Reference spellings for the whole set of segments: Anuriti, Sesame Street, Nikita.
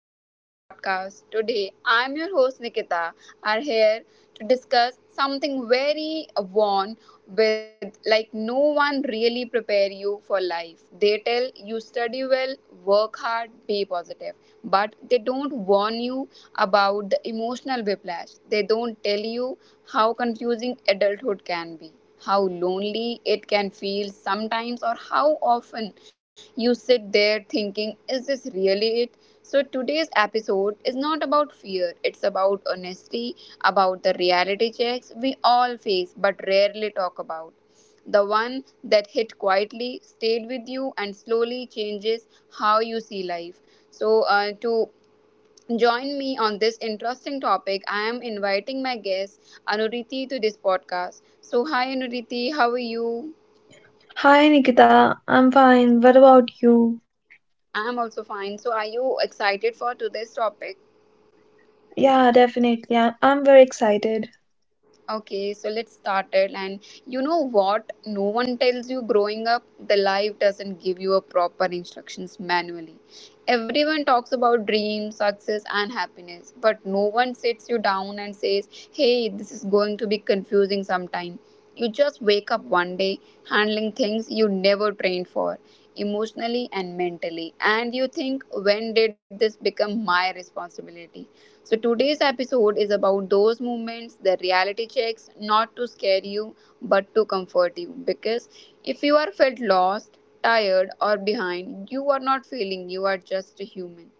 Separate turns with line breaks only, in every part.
back to the podcast. Today, I'm your host Nikita. Are here to discuss something very warm with like no one really prepare you for life. They tell you study well, work hard, be positive, but they don't warn you about the emotional whiplash. They don't tell you how confusing adulthood can be, how lonely it can feel sometimes, or how often you sit there thinking, is this really it? So, today's episode is not about fear, it's about honesty, about the reality checks we all face but rarely talk about. The one that hit quietly, stayed with you, and slowly changes how you see life. So, to join me on this interesting topic, I am inviting my guest Anuriti to this podcast. So, hi Anuriti, how are you?
Hi Nikita, I'm fine. What about you?
I'm also fine. So, are you excited for today's topic?
Yeah, definitely. I'm very excited.
Okay, so let's start it. And you know what? No one tells you growing up, the life doesn't give you a proper instructions manually. Everyone talks about dreams, success, and happiness, but no one sits you down and says, hey, this is going to be confusing sometime. You just wake up one day handling things you never trained for, emotionally and mentally, and you think, when did this become my responsibility? So, today's episode is about those moments, the reality checks, not to scare you, but to comfort you. Because if you are felt lost, tired, or behind, you are not failing, you are just a human.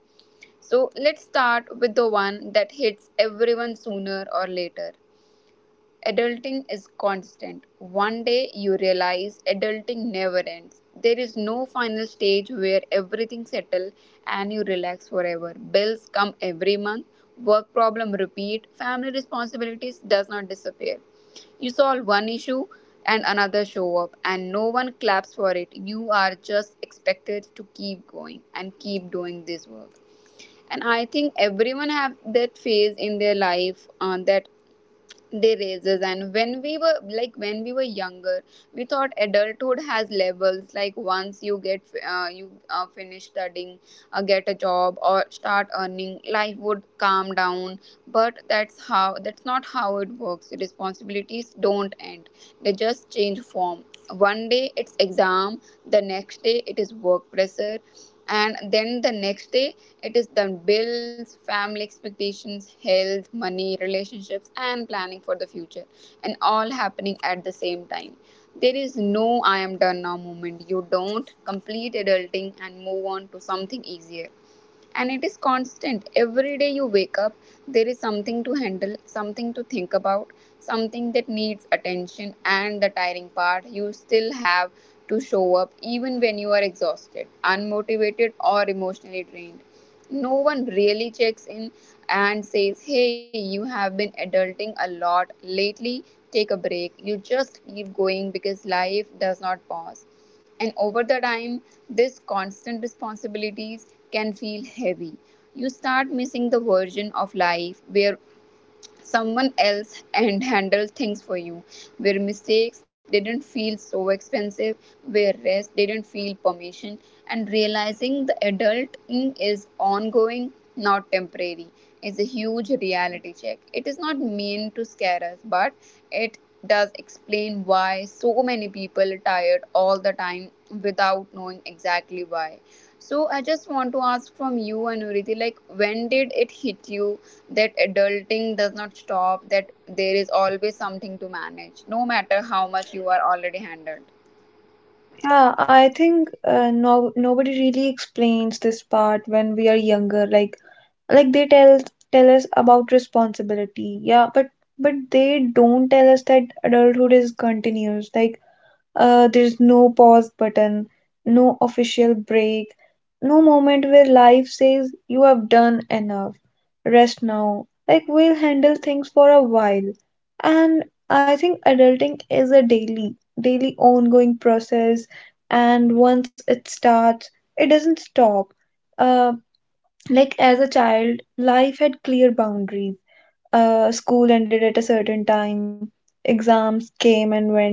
So, let's start with the one that hits everyone sooner or later. Adulting is constant. One day you realize adulting never ends. There is no final stage where everything settles and you relax forever. Bills come every month, work problem repeat, family responsibilities does not disappear. You solve one issue and another show up and no one claps for it. You are just expected to keep going and keep doing this work, and I think everyone have that phase in their life, that they raises. And when we were like when we were younger, we thought adulthood has levels, like once you get you finish studying, get a job or start earning, life would calm down, but that's not how it works. Responsibilities don't end, they just change form. One day it's exam, the next day it is work pressure, and then the next day it is the bills, family expectations, health, money, relationships, and planning for the future, and all happening at the same time. There is no I am done now moment. You don't complete adulting and move on to something easier. And it is constant. Every day you wake up, there is something to handle, something to think about, something that needs attention, and the tiring part, you still have to show up even when you are exhausted, unmotivated, or emotionally drained. No one really checks in and says, hey, you have been adulting a lot lately, take a break. You just keep going because life does not pause. And over the time, this constant responsibilities can feel heavy. You start missing the version of life where someone else and handle things for you, where mistakes didn't feel so expensive, where rest didn't feel permission, and realizing the adulting is ongoing, not temporary, is a huge reality check. It is not meant to scare us, but it does explain why so many people are tired all the time without knowing exactly why. So I just want to ask from you, Anuriti, like when did it hit you that adulting does not stop, that there is always something to manage, no matter how much you are already handled.
Yeah, I think no nobody really explains this part when we are younger. Like like they tell us about responsibility. Yeah, but they don't tell us that adulthood is continuous. Like there's no pause button, no official break, no moment where life says you have done enough. Rest now. Like we'll handle things for a while. And I think adulting is a daily, ongoing process. And once it starts, it doesn't stop. Uh, like as a child, life had clear boundaries. School ended at a certain time, exams came and went,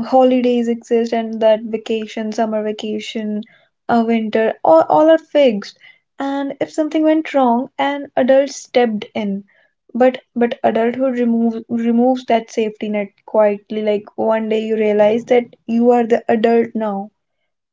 holidays exist, and that vacation, summer vacation, winter, all are fixed. And if something went wrong, an adult stepped in. But adulthood removes that safety net quietly. Like one day you realize that you are the adult now.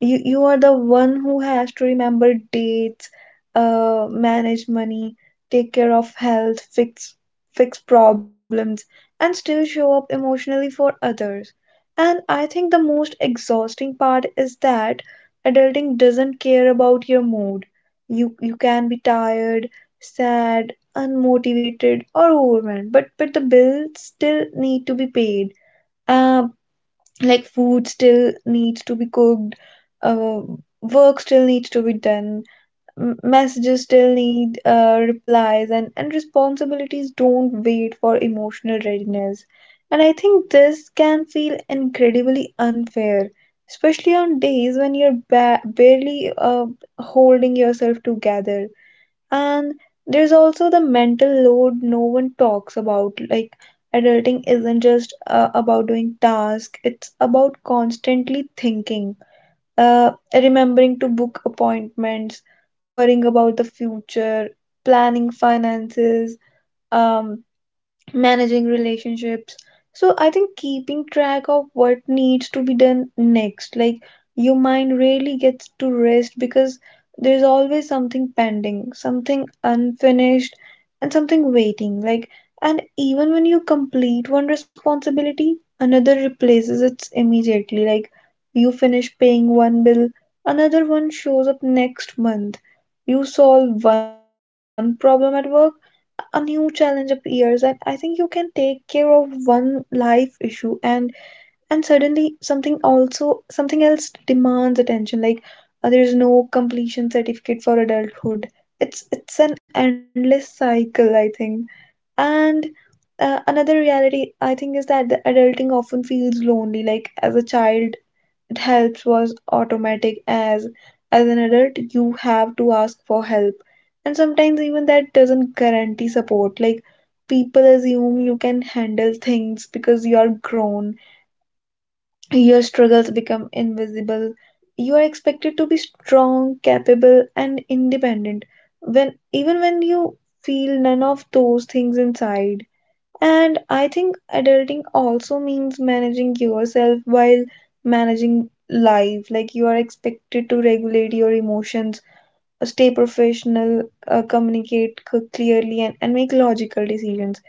You are the one who has to remember dates, manage money, take care of health, fix problems, and still show up emotionally for others. And I think the most exhausting part is that adulting doesn't care about your mood. You can be tired, sad, unmotivated, or overwhelmed, but the bills still need to be paid. Uh, like food still needs to be cooked, uh, work still needs to be done, messages still need replies, and responsibilities don't wait for emotional readiness. And I think this can feel incredibly unfair, especially on days when you're barely holding yourself together. And there's also the mental load no one talks about. Like, adulting isn't just about doing tasks, it's about constantly thinking, remembering to book appointments, worrying about the future, planning finances, um, managing relationships. So I think keeping track of what needs to be done next, like, your mind really gets to rest because there's always something pending, something unfinished, and something waiting. Like, and even when you complete one responsibility, another replaces it immediately. Like, you finish paying one bill, another one shows up next month. You solve one problem at work, a new challenge appears. And I think you can take care of one life issue, and and suddenly something else demands attention. Like, there is no completion certificate for adulthood. It's an endless cycle, I think. And another reality, I think, is that the adulting often feels lonely. Like as a child, it helps was automatic. As an adult, you have to ask for help, and sometimes even that doesn't guarantee support. Like, people assume you can handle things because you are grown. Your struggles become invisible. You are expected to be strong, capable, and independent, when even when you feel none of those things inside. And I think adulting also means managing yourself while managing life. Like, you are expected to regulate your emotions, stay professional, communicate clearly, and make logical decisions.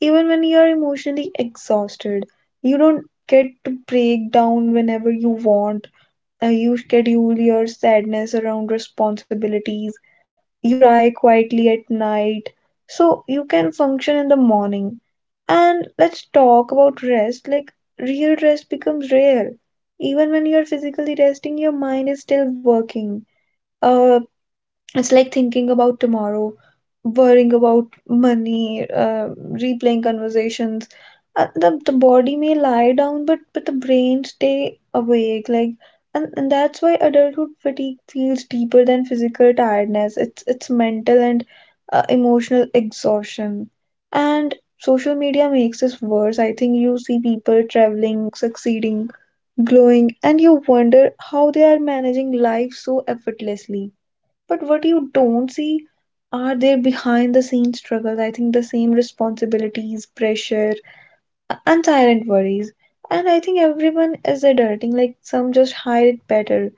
Even when you are emotionally exhausted, you don't get to break down whenever you want. You schedule your sadness around responsibilities. You cry quietly at night so you can function in the morning. And let's talk about rest. Like, real rest becomes rare. Even when you're physically resting, your mind is still working. Uh, it's like thinking about tomorrow, worrying about money, replaying conversations. The body may lie down, but the brain stay awake. Like, and that's why adulthood fatigue feels deeper than physical tiredness. It's mental and emotional exhaustion. And social media makes this worse. I think you see people traveling, succeeding, glowing, and you wonder how they are managing life so effortlessly. But what you don't see are their behind the scenes struggles. I think the same responsibilities, pressure, unsilenced worries. And I think everyone is adulting, like some just hide it better.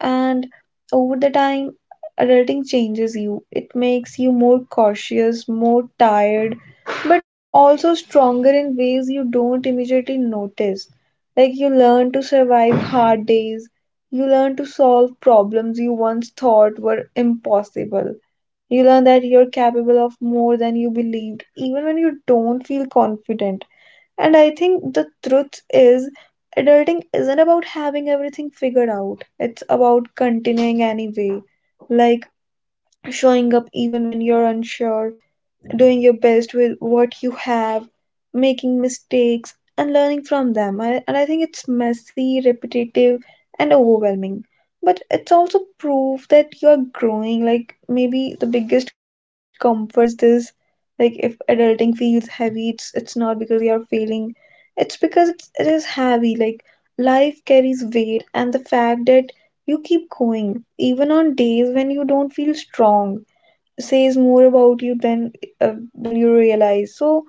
And over the time, adulting changes you. It makes you more cautious, more tired, but also stronger in ways you don't immediately notice. Like, you learn to survive hard days, you learn to solve problems you once thought were impossible, you learn that you're capable of more than you believed, even when you don't feel confident. And I think the truth is, adulting isn't about having everything figured out. It's about continuing anyway, like showing up even when you're unsure, doing your best with what you have, making mistakes, and learning from them. And I think it's messy, repetitive, and overwhelming. But it's also proof that you're growing. Like, maybe the biggest comfort is this: like, if adulting feels heavy, it's not because you're failing. It's because it is heavy. Like, life carries weight, and the fact that you keep going even on days when you don't feel strong says more about you than you realize. So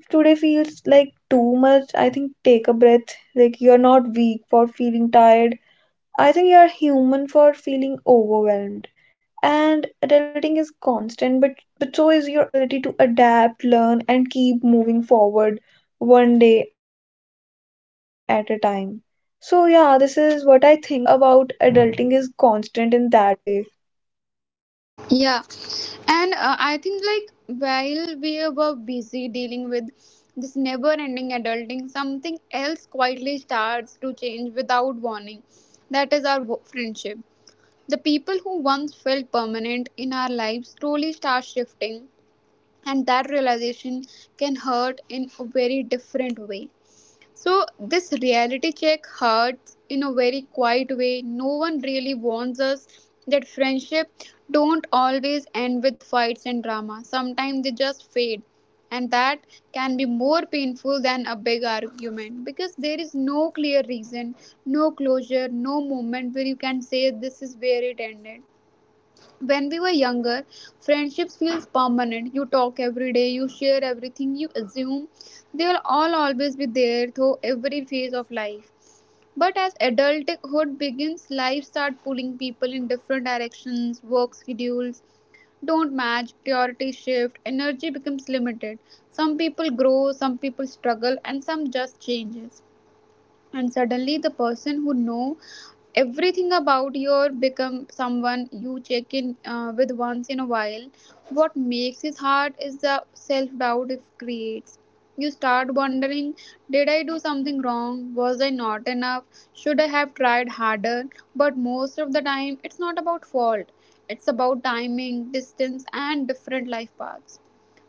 if today feels like too much, I think take a breath. Like, you're not weak for feeling tired. I think you're human for feeling overwhelmed. And adulting is constant, but so is your ability to adapt, learn, and keep moving forward, one day at a time. So yeah, this is what I think about adulting is constant in that way.
Yeah, and I think like while we were busy dealing with this never-ending adulting, something else quietly starts to change without warning. That is our friendship. The people who once felt permanent in our lives slowly start shifting, and that realization can hurt in a very different way. So, this reality check hurts in a very quiet way. No one really warns us that friendship don't always end with fights and drama. Sometimes they just fade. And that can be more painful than a big argument because there is no clear reason, no closure, no moment where you can say this is where it ended. When we were younger, friendships feels permanent. You talk every day, you share everything, you assume they will all always be there through every phase of life. But as adulthood begins, life start pulling people in different directions, work schedules don't match, priorities shift, energy becomes limited. Some people grow, some people struggle, and some just changes. And suddenly the person who know everything about your become someone you check in with once in a while. What makes it hard is the self doubt it creates. You start wondering, did I do something wrong, was I not enough, should I have tried harder? But most of the time it's not about fault, it's about timing, distance, and different life paths.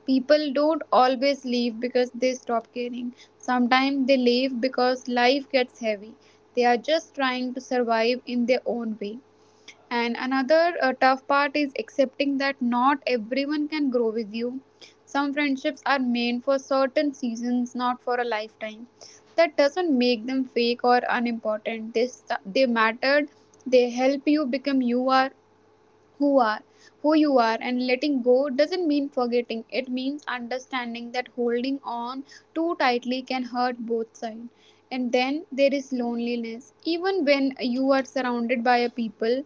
People don't always leave because they stop caring. Sometimes they leave because life gets heavy. They are just trying to survive in their own way. And another tough part is accepting that not everyone can grow with you. Some friendships are meant for certain seasons, not for a lifetime. That doesn't make them fake or unimportant. They mattered, they help you become you are who you are. And letting go doesn't mean forgetting, it means understanding that holding on too tightly can hurt both sides. And then there is loneliness. Even when you are surrounded by a people,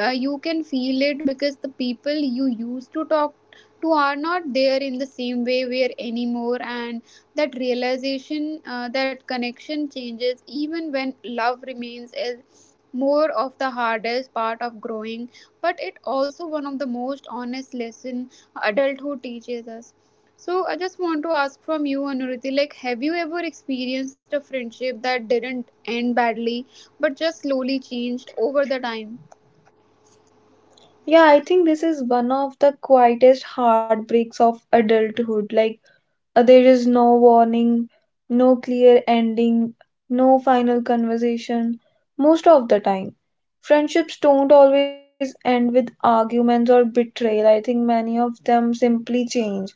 you can feel it because the people you used to talk to are not there in the same way where anymore. And that realization, that connection changes even when love remains, is more of the hardest part of growing, but it also one of the most honest lesson adulthood teaches us. So I just want to ask from you, Anuruti, like have you ever experienced a friendship that didn't end badly but just slowly changed over the time?
Yeah, I think this is one of the quietest heartbreaks of adulthood. Like, there is no warning, no clear ending, no final conversation most of the time. Friendships don't always end with arguments or betrayal. I think many of them simply change.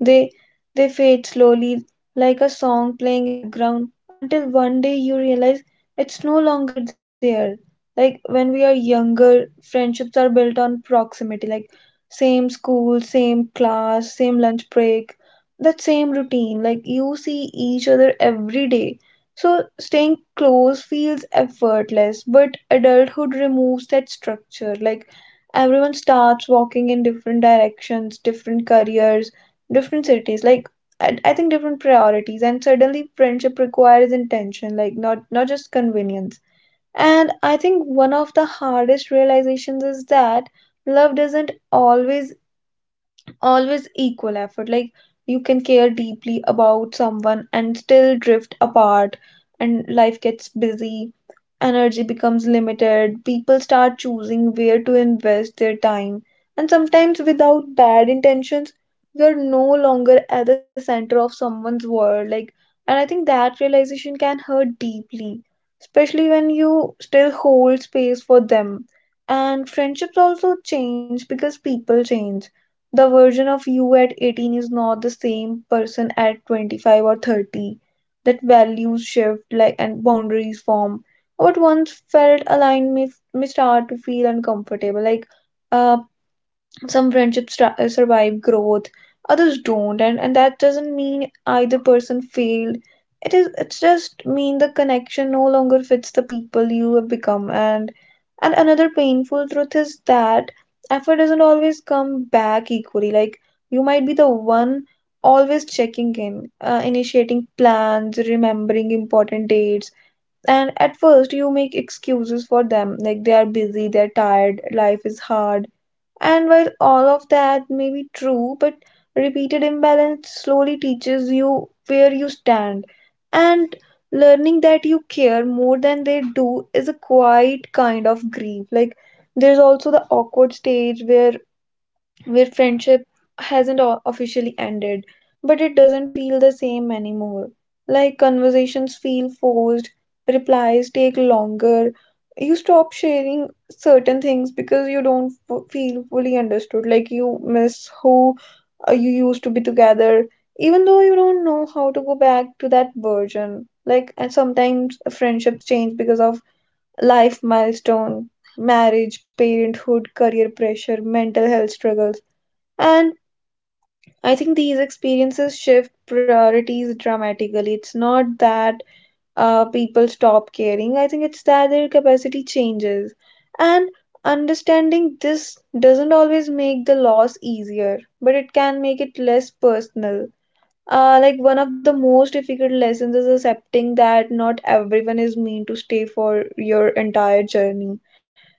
They they fade slowly, like a song playing in the background until one day you realize it's no longer there. Like, when we are younger, friendships are built on proximity, like same school, same class, same lunch break, that same routine. Like, you see each other every day. So staying close feels effortless, but adulthood removes that structure. Like, everyone starts walking in different directions, different careers, different cities. Like, I think different priorities, and suddenly friendship requires intention, like not just convenience. And I think one of the hardest realizations is that love doesn't always equal effort. Like, you can care deeply about someone and still drift apart. And life gets busy, energy becomes limited, people start choosing where to invest their time, and sometimes without bad intentions, you're no longer at the center of someone's world. Like, and I think that realization can hurt deeply, especially when you still hold space for them. And friendships also change because people change. The version of you at 18 is not the same person at 25 or 30. That values shift, like, and boundaries form. What once felt aligned may start to feel uncomfortable. Like, uh, some friendships survive growth, others don't, and that doesn't mean either person failed. It's just mean the connection no longer fits the people you have become. And another painful truth is that effort doesn't always come back equally. Like, you might be the one always checking in, initiating plans, remembering important dates. And at first you make excuses for them, like they are busy, they're tired, life is hard. And while all of that may be true, but repeated imbalance slowly teaches you where you stand. And learning that you care more than they do is a quiet kind of grief. Like, there's also the awkward stage where friendship hasn't officially ended, but it doesn't feel the same anymore. Like, conversations feel forced, replies take longer, you stop sharing certain things because you don't feel fully understood. Like, you miss who you used to be together, even though you don't know how to go back to that version. Like, and sometimes friendships change because of life milestone, marriage, parenthood, career pressure, mental health struggles. And I think these experiences shift priorities dramatically. It's not that people stop caring, I think it's that their capacity changes. And understanding this doesn't always make the loss easier, but it can make it less personal. Like one of the most difficult lessons is accepting that not everyone is meant to stay for your entire journey.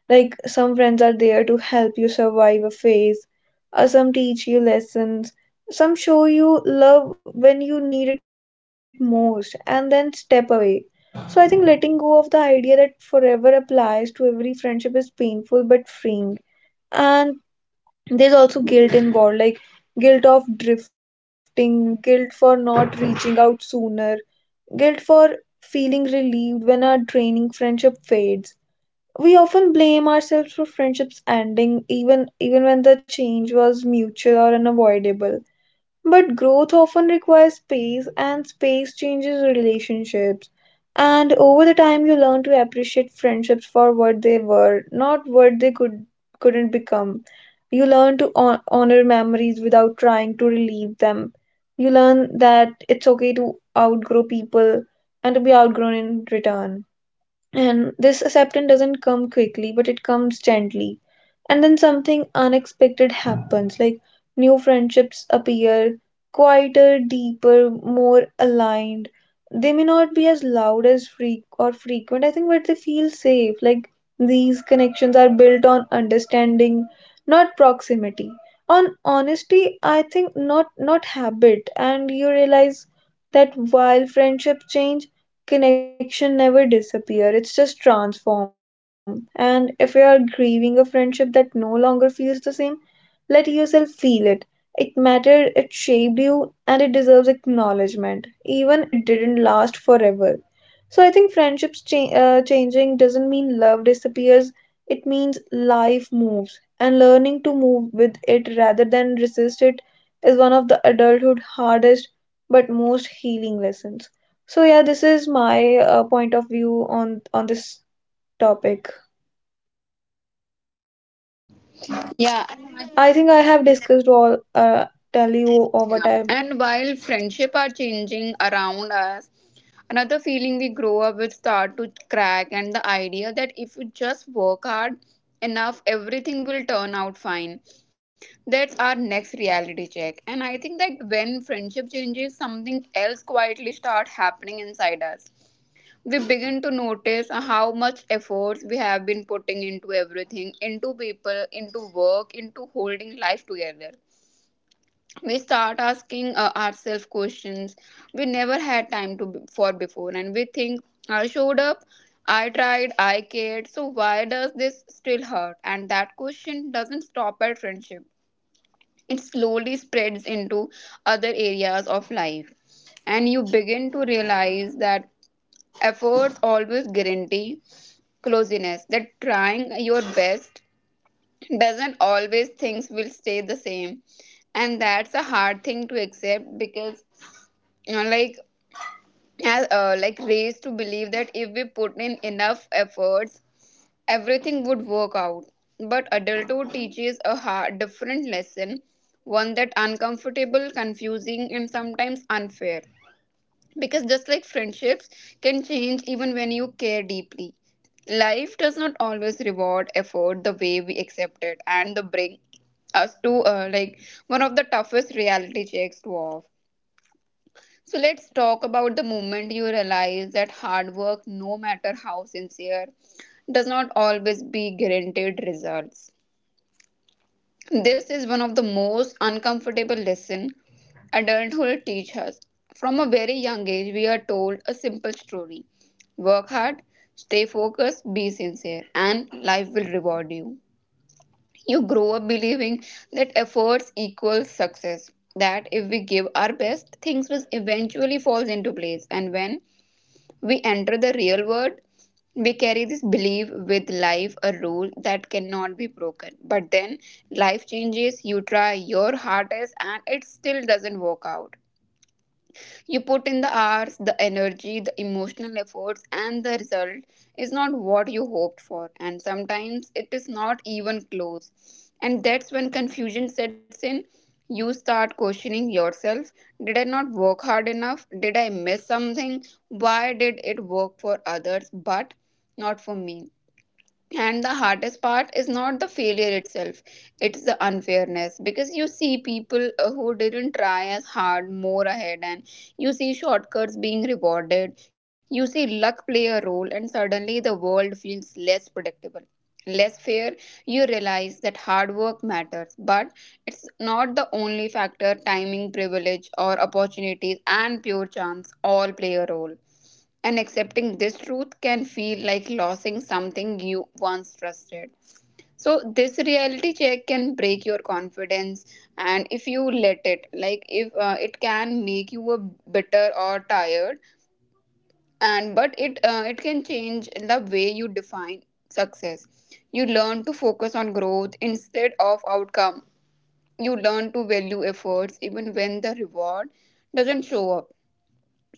Like, some friends are there to help you survive a phase, some teach you lessons, some show you love when you need it most, and then step away. So I think letting go of the idea that forever applies to every friendship is painful but freeing. And there's also guilt involved, like guilt of drifting, guilt for not reaching out sooner, guilt for feeling relieved when a draining friendship fades. We often blame ourselves for friendships ending, even when the change was mutual or unavoidable. But growth often requires space, and space changes relationships. And over the time, you learn to appreciate friendships for what they were, not what they couldn't become. You learn to honor memories without trying to relieve them. You learn that it's okay to outgrow people and to be outgrown in return. And this acceptance doesn't come quickly, but it comes gently. And then something unexpected happens, like new friendships appear, quieter, deeper, more aligned. They may not be as loud as freak or frequent, I think, but they feel safe. Like, these connections are built on understanding, not proximity. On honesty, I think, not habit. And you realize that while friendships change, connection never disappear, it's just transformed. And if you are grieving a friendship that no longer feels the same, let yourself feel it. It mattered, it shaped you, and it deserves acknowledgement even if it didn't last forever. So I think friendships changing doesn't mean love disappears. It means life moves, and learning to move with it rather than resist it is one of the adulthood hardest but most healing lessons. So yeah, this is my point of view on this topic.
Yeah,
I think I have discussed all tell you or what
yeah, and while friendship are changing around us, another feeling we grow up with start to crack, and the idea that if you just work hard enough, everything will turn out fine. That's our next reality check. And I think that when friendship changes, something else quietly start happening inside us. We begin to notice how much efforts we have been putting into everything, into people, into work, into holding life together. We start asking ourselves questions we never had time for before, and we think, I showed up, I tried, I cared, so why does this still hurt? And that question doesn't stop at friendship, it slowly spreads into other areas of life, and you begin to realize that efforts always guarantee closeness, that trying your best doesn't always things will stay the same. And that's a hard thing to accept because you know, like as like raised to believe that if we put in enough efforts everything would work out, but adulthood teaches a hard, different lesson, one that uncomfortable, confusing, and sometimes unfair. Because just like friendships can change even when you care deeply, life does not always reward effort the way we accept it, and the bring us to like one of the toughest reality checks to off. So let's talk about the moment you realize that hard work, no matter how sincere, does not always be guaranteed results. This is one of the most uncomfortable lessons adulthood teaches us. From a very young age, we are told a simple story: work hard, stay focused, be sincere, and life will reward you. You grow up believing that efforts equal success, that if we give our best, things will eventually fall into place. And when we enter the real world, we carry this belief with life, a rule that cannot be broken. But then life changes, you try your hardest, and it still doesn't work out. You put in the hours, the energy, the emotional efforts, and the result is not what you hoped for, and sometimes it is not even close. And that's when confusion sets in. You start questioning yourself. Did I not work hard enough? Did I miss something? Why did it work for others but not for me? And the hardest part is not the failure itself, it's the unfairness, because you see people who didn't try as hard more ahead, and you see shortcuts being rewarded, you see luck play a role, and suddenly the world feels less predictable. Less fair, you realize that hard work matters, but it's not the only factor. Timing, privilege, or opportunities and pure chance all play a role, and accepting this truth can feel like losing something you once trusted. So, this reality check can break your confidence, and if you let it, like if it can make you a bitter or tired, and but it it can change the way you define success. You learn to focus on growth instead of outcome. You learn to value efforts even when the reward doesn't show up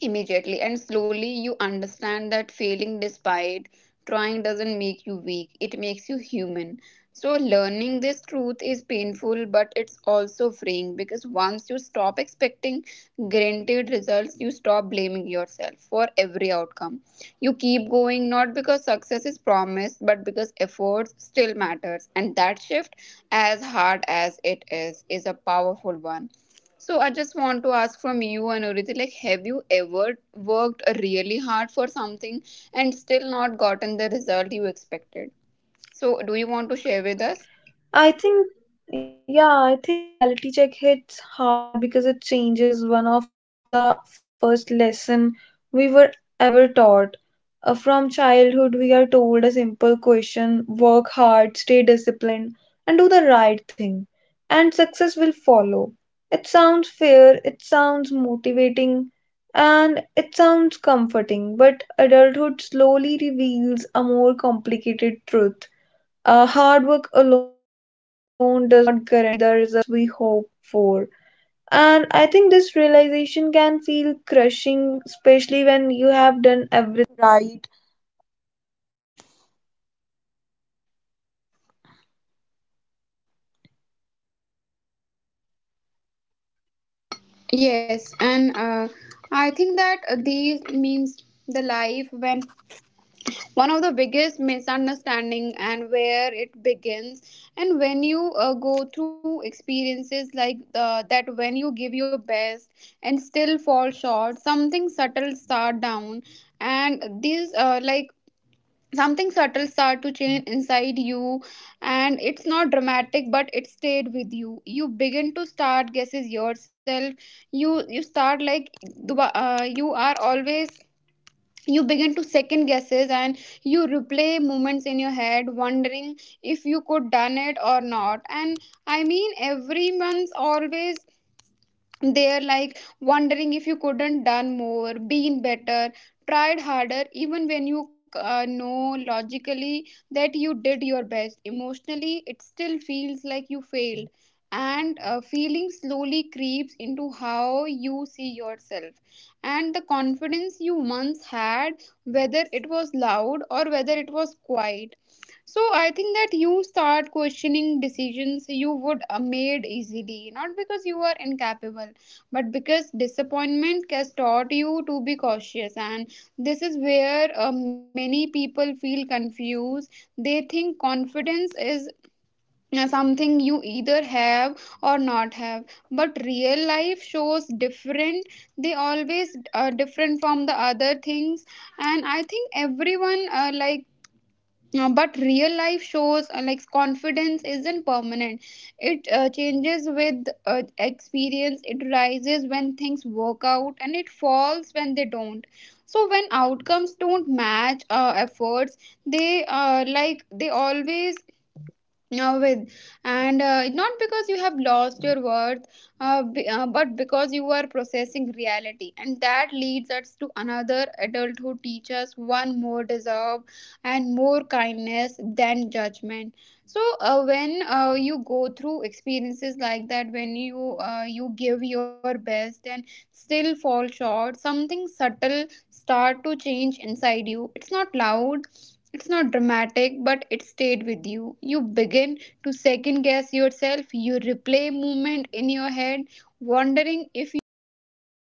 immediately, and slowly you understand that failing despite trying doesn't make you weak, it makes you human. So learning this truth is painful, but it's also freeing, because once you stop expecting guaranteed results, you stop blaming yourself for every outcome. You keep going, not because success is promised, but because efforts still matters, and that shift, as hard as it is a powerful one. So I just want to ask from you, Anuriti, like, have you ever worked really hard for something and still not gotten the result you expected? So do you want to share with us?
I think, yeah, I think this reality check hits hard because it changes one of the first lesson we were ever taught. From childhood, we are told a simple question, work hard, stay disciplined, and do the right thing, and success will follow. It sounds fair, it sounds motivating, and it sounds comforting, but adulthood slowly reveals a more complicated truth. Hard work alone does not guarantee the results we hope for. And I think this realization can feel crushing, especially when you have done everything
Yes, and I think that the means the life when one of the biggest misunderstanding and where it begins, and when you go through experiences like that, when you give your best and still fall short, something subtle start down, and these like something subtle start to change inside you, and it's not dramatic, but it stayed with you. You begin to start guesses yourself. You start like, you are always, you begin to second guesses, and you replay moments in your head, wondering if you could done it or not. And I mean everyone's always, they are like wondering if you couldn't done more, been better, tried harder, even when you know logically that you did your best, emotionally it still feels like you failed. And feeling slowly creeps into how you see yourself, and the confidence you once had, whether it was loud or whether it was quiet. So I think that you start questioning decisions you would made easily, not because you are incapable, but because disappointment has taught you to be cautious. And this is where many people feel confused. They think confidence is something you either have or not have, but real life shows different, they always are different from the other things. And I think everyone like but real life shows confidence isn't permanent. It changes with experience. It rises when things work out and it falls when they don't. So when outcomes don't match efforts, they like they always with and it not because you have lost your worth, but because you are processing reality, and that leads us to another adult who teaches one more deserve and more kindness than judgment. So when you go through experiences like that, when you give your best and still fall short, something subtle start to change inside you. It's not loud, it's not dramatic, but it stayed with you. You begin to second guess yourself. You replay movement in your head, wondering if you could have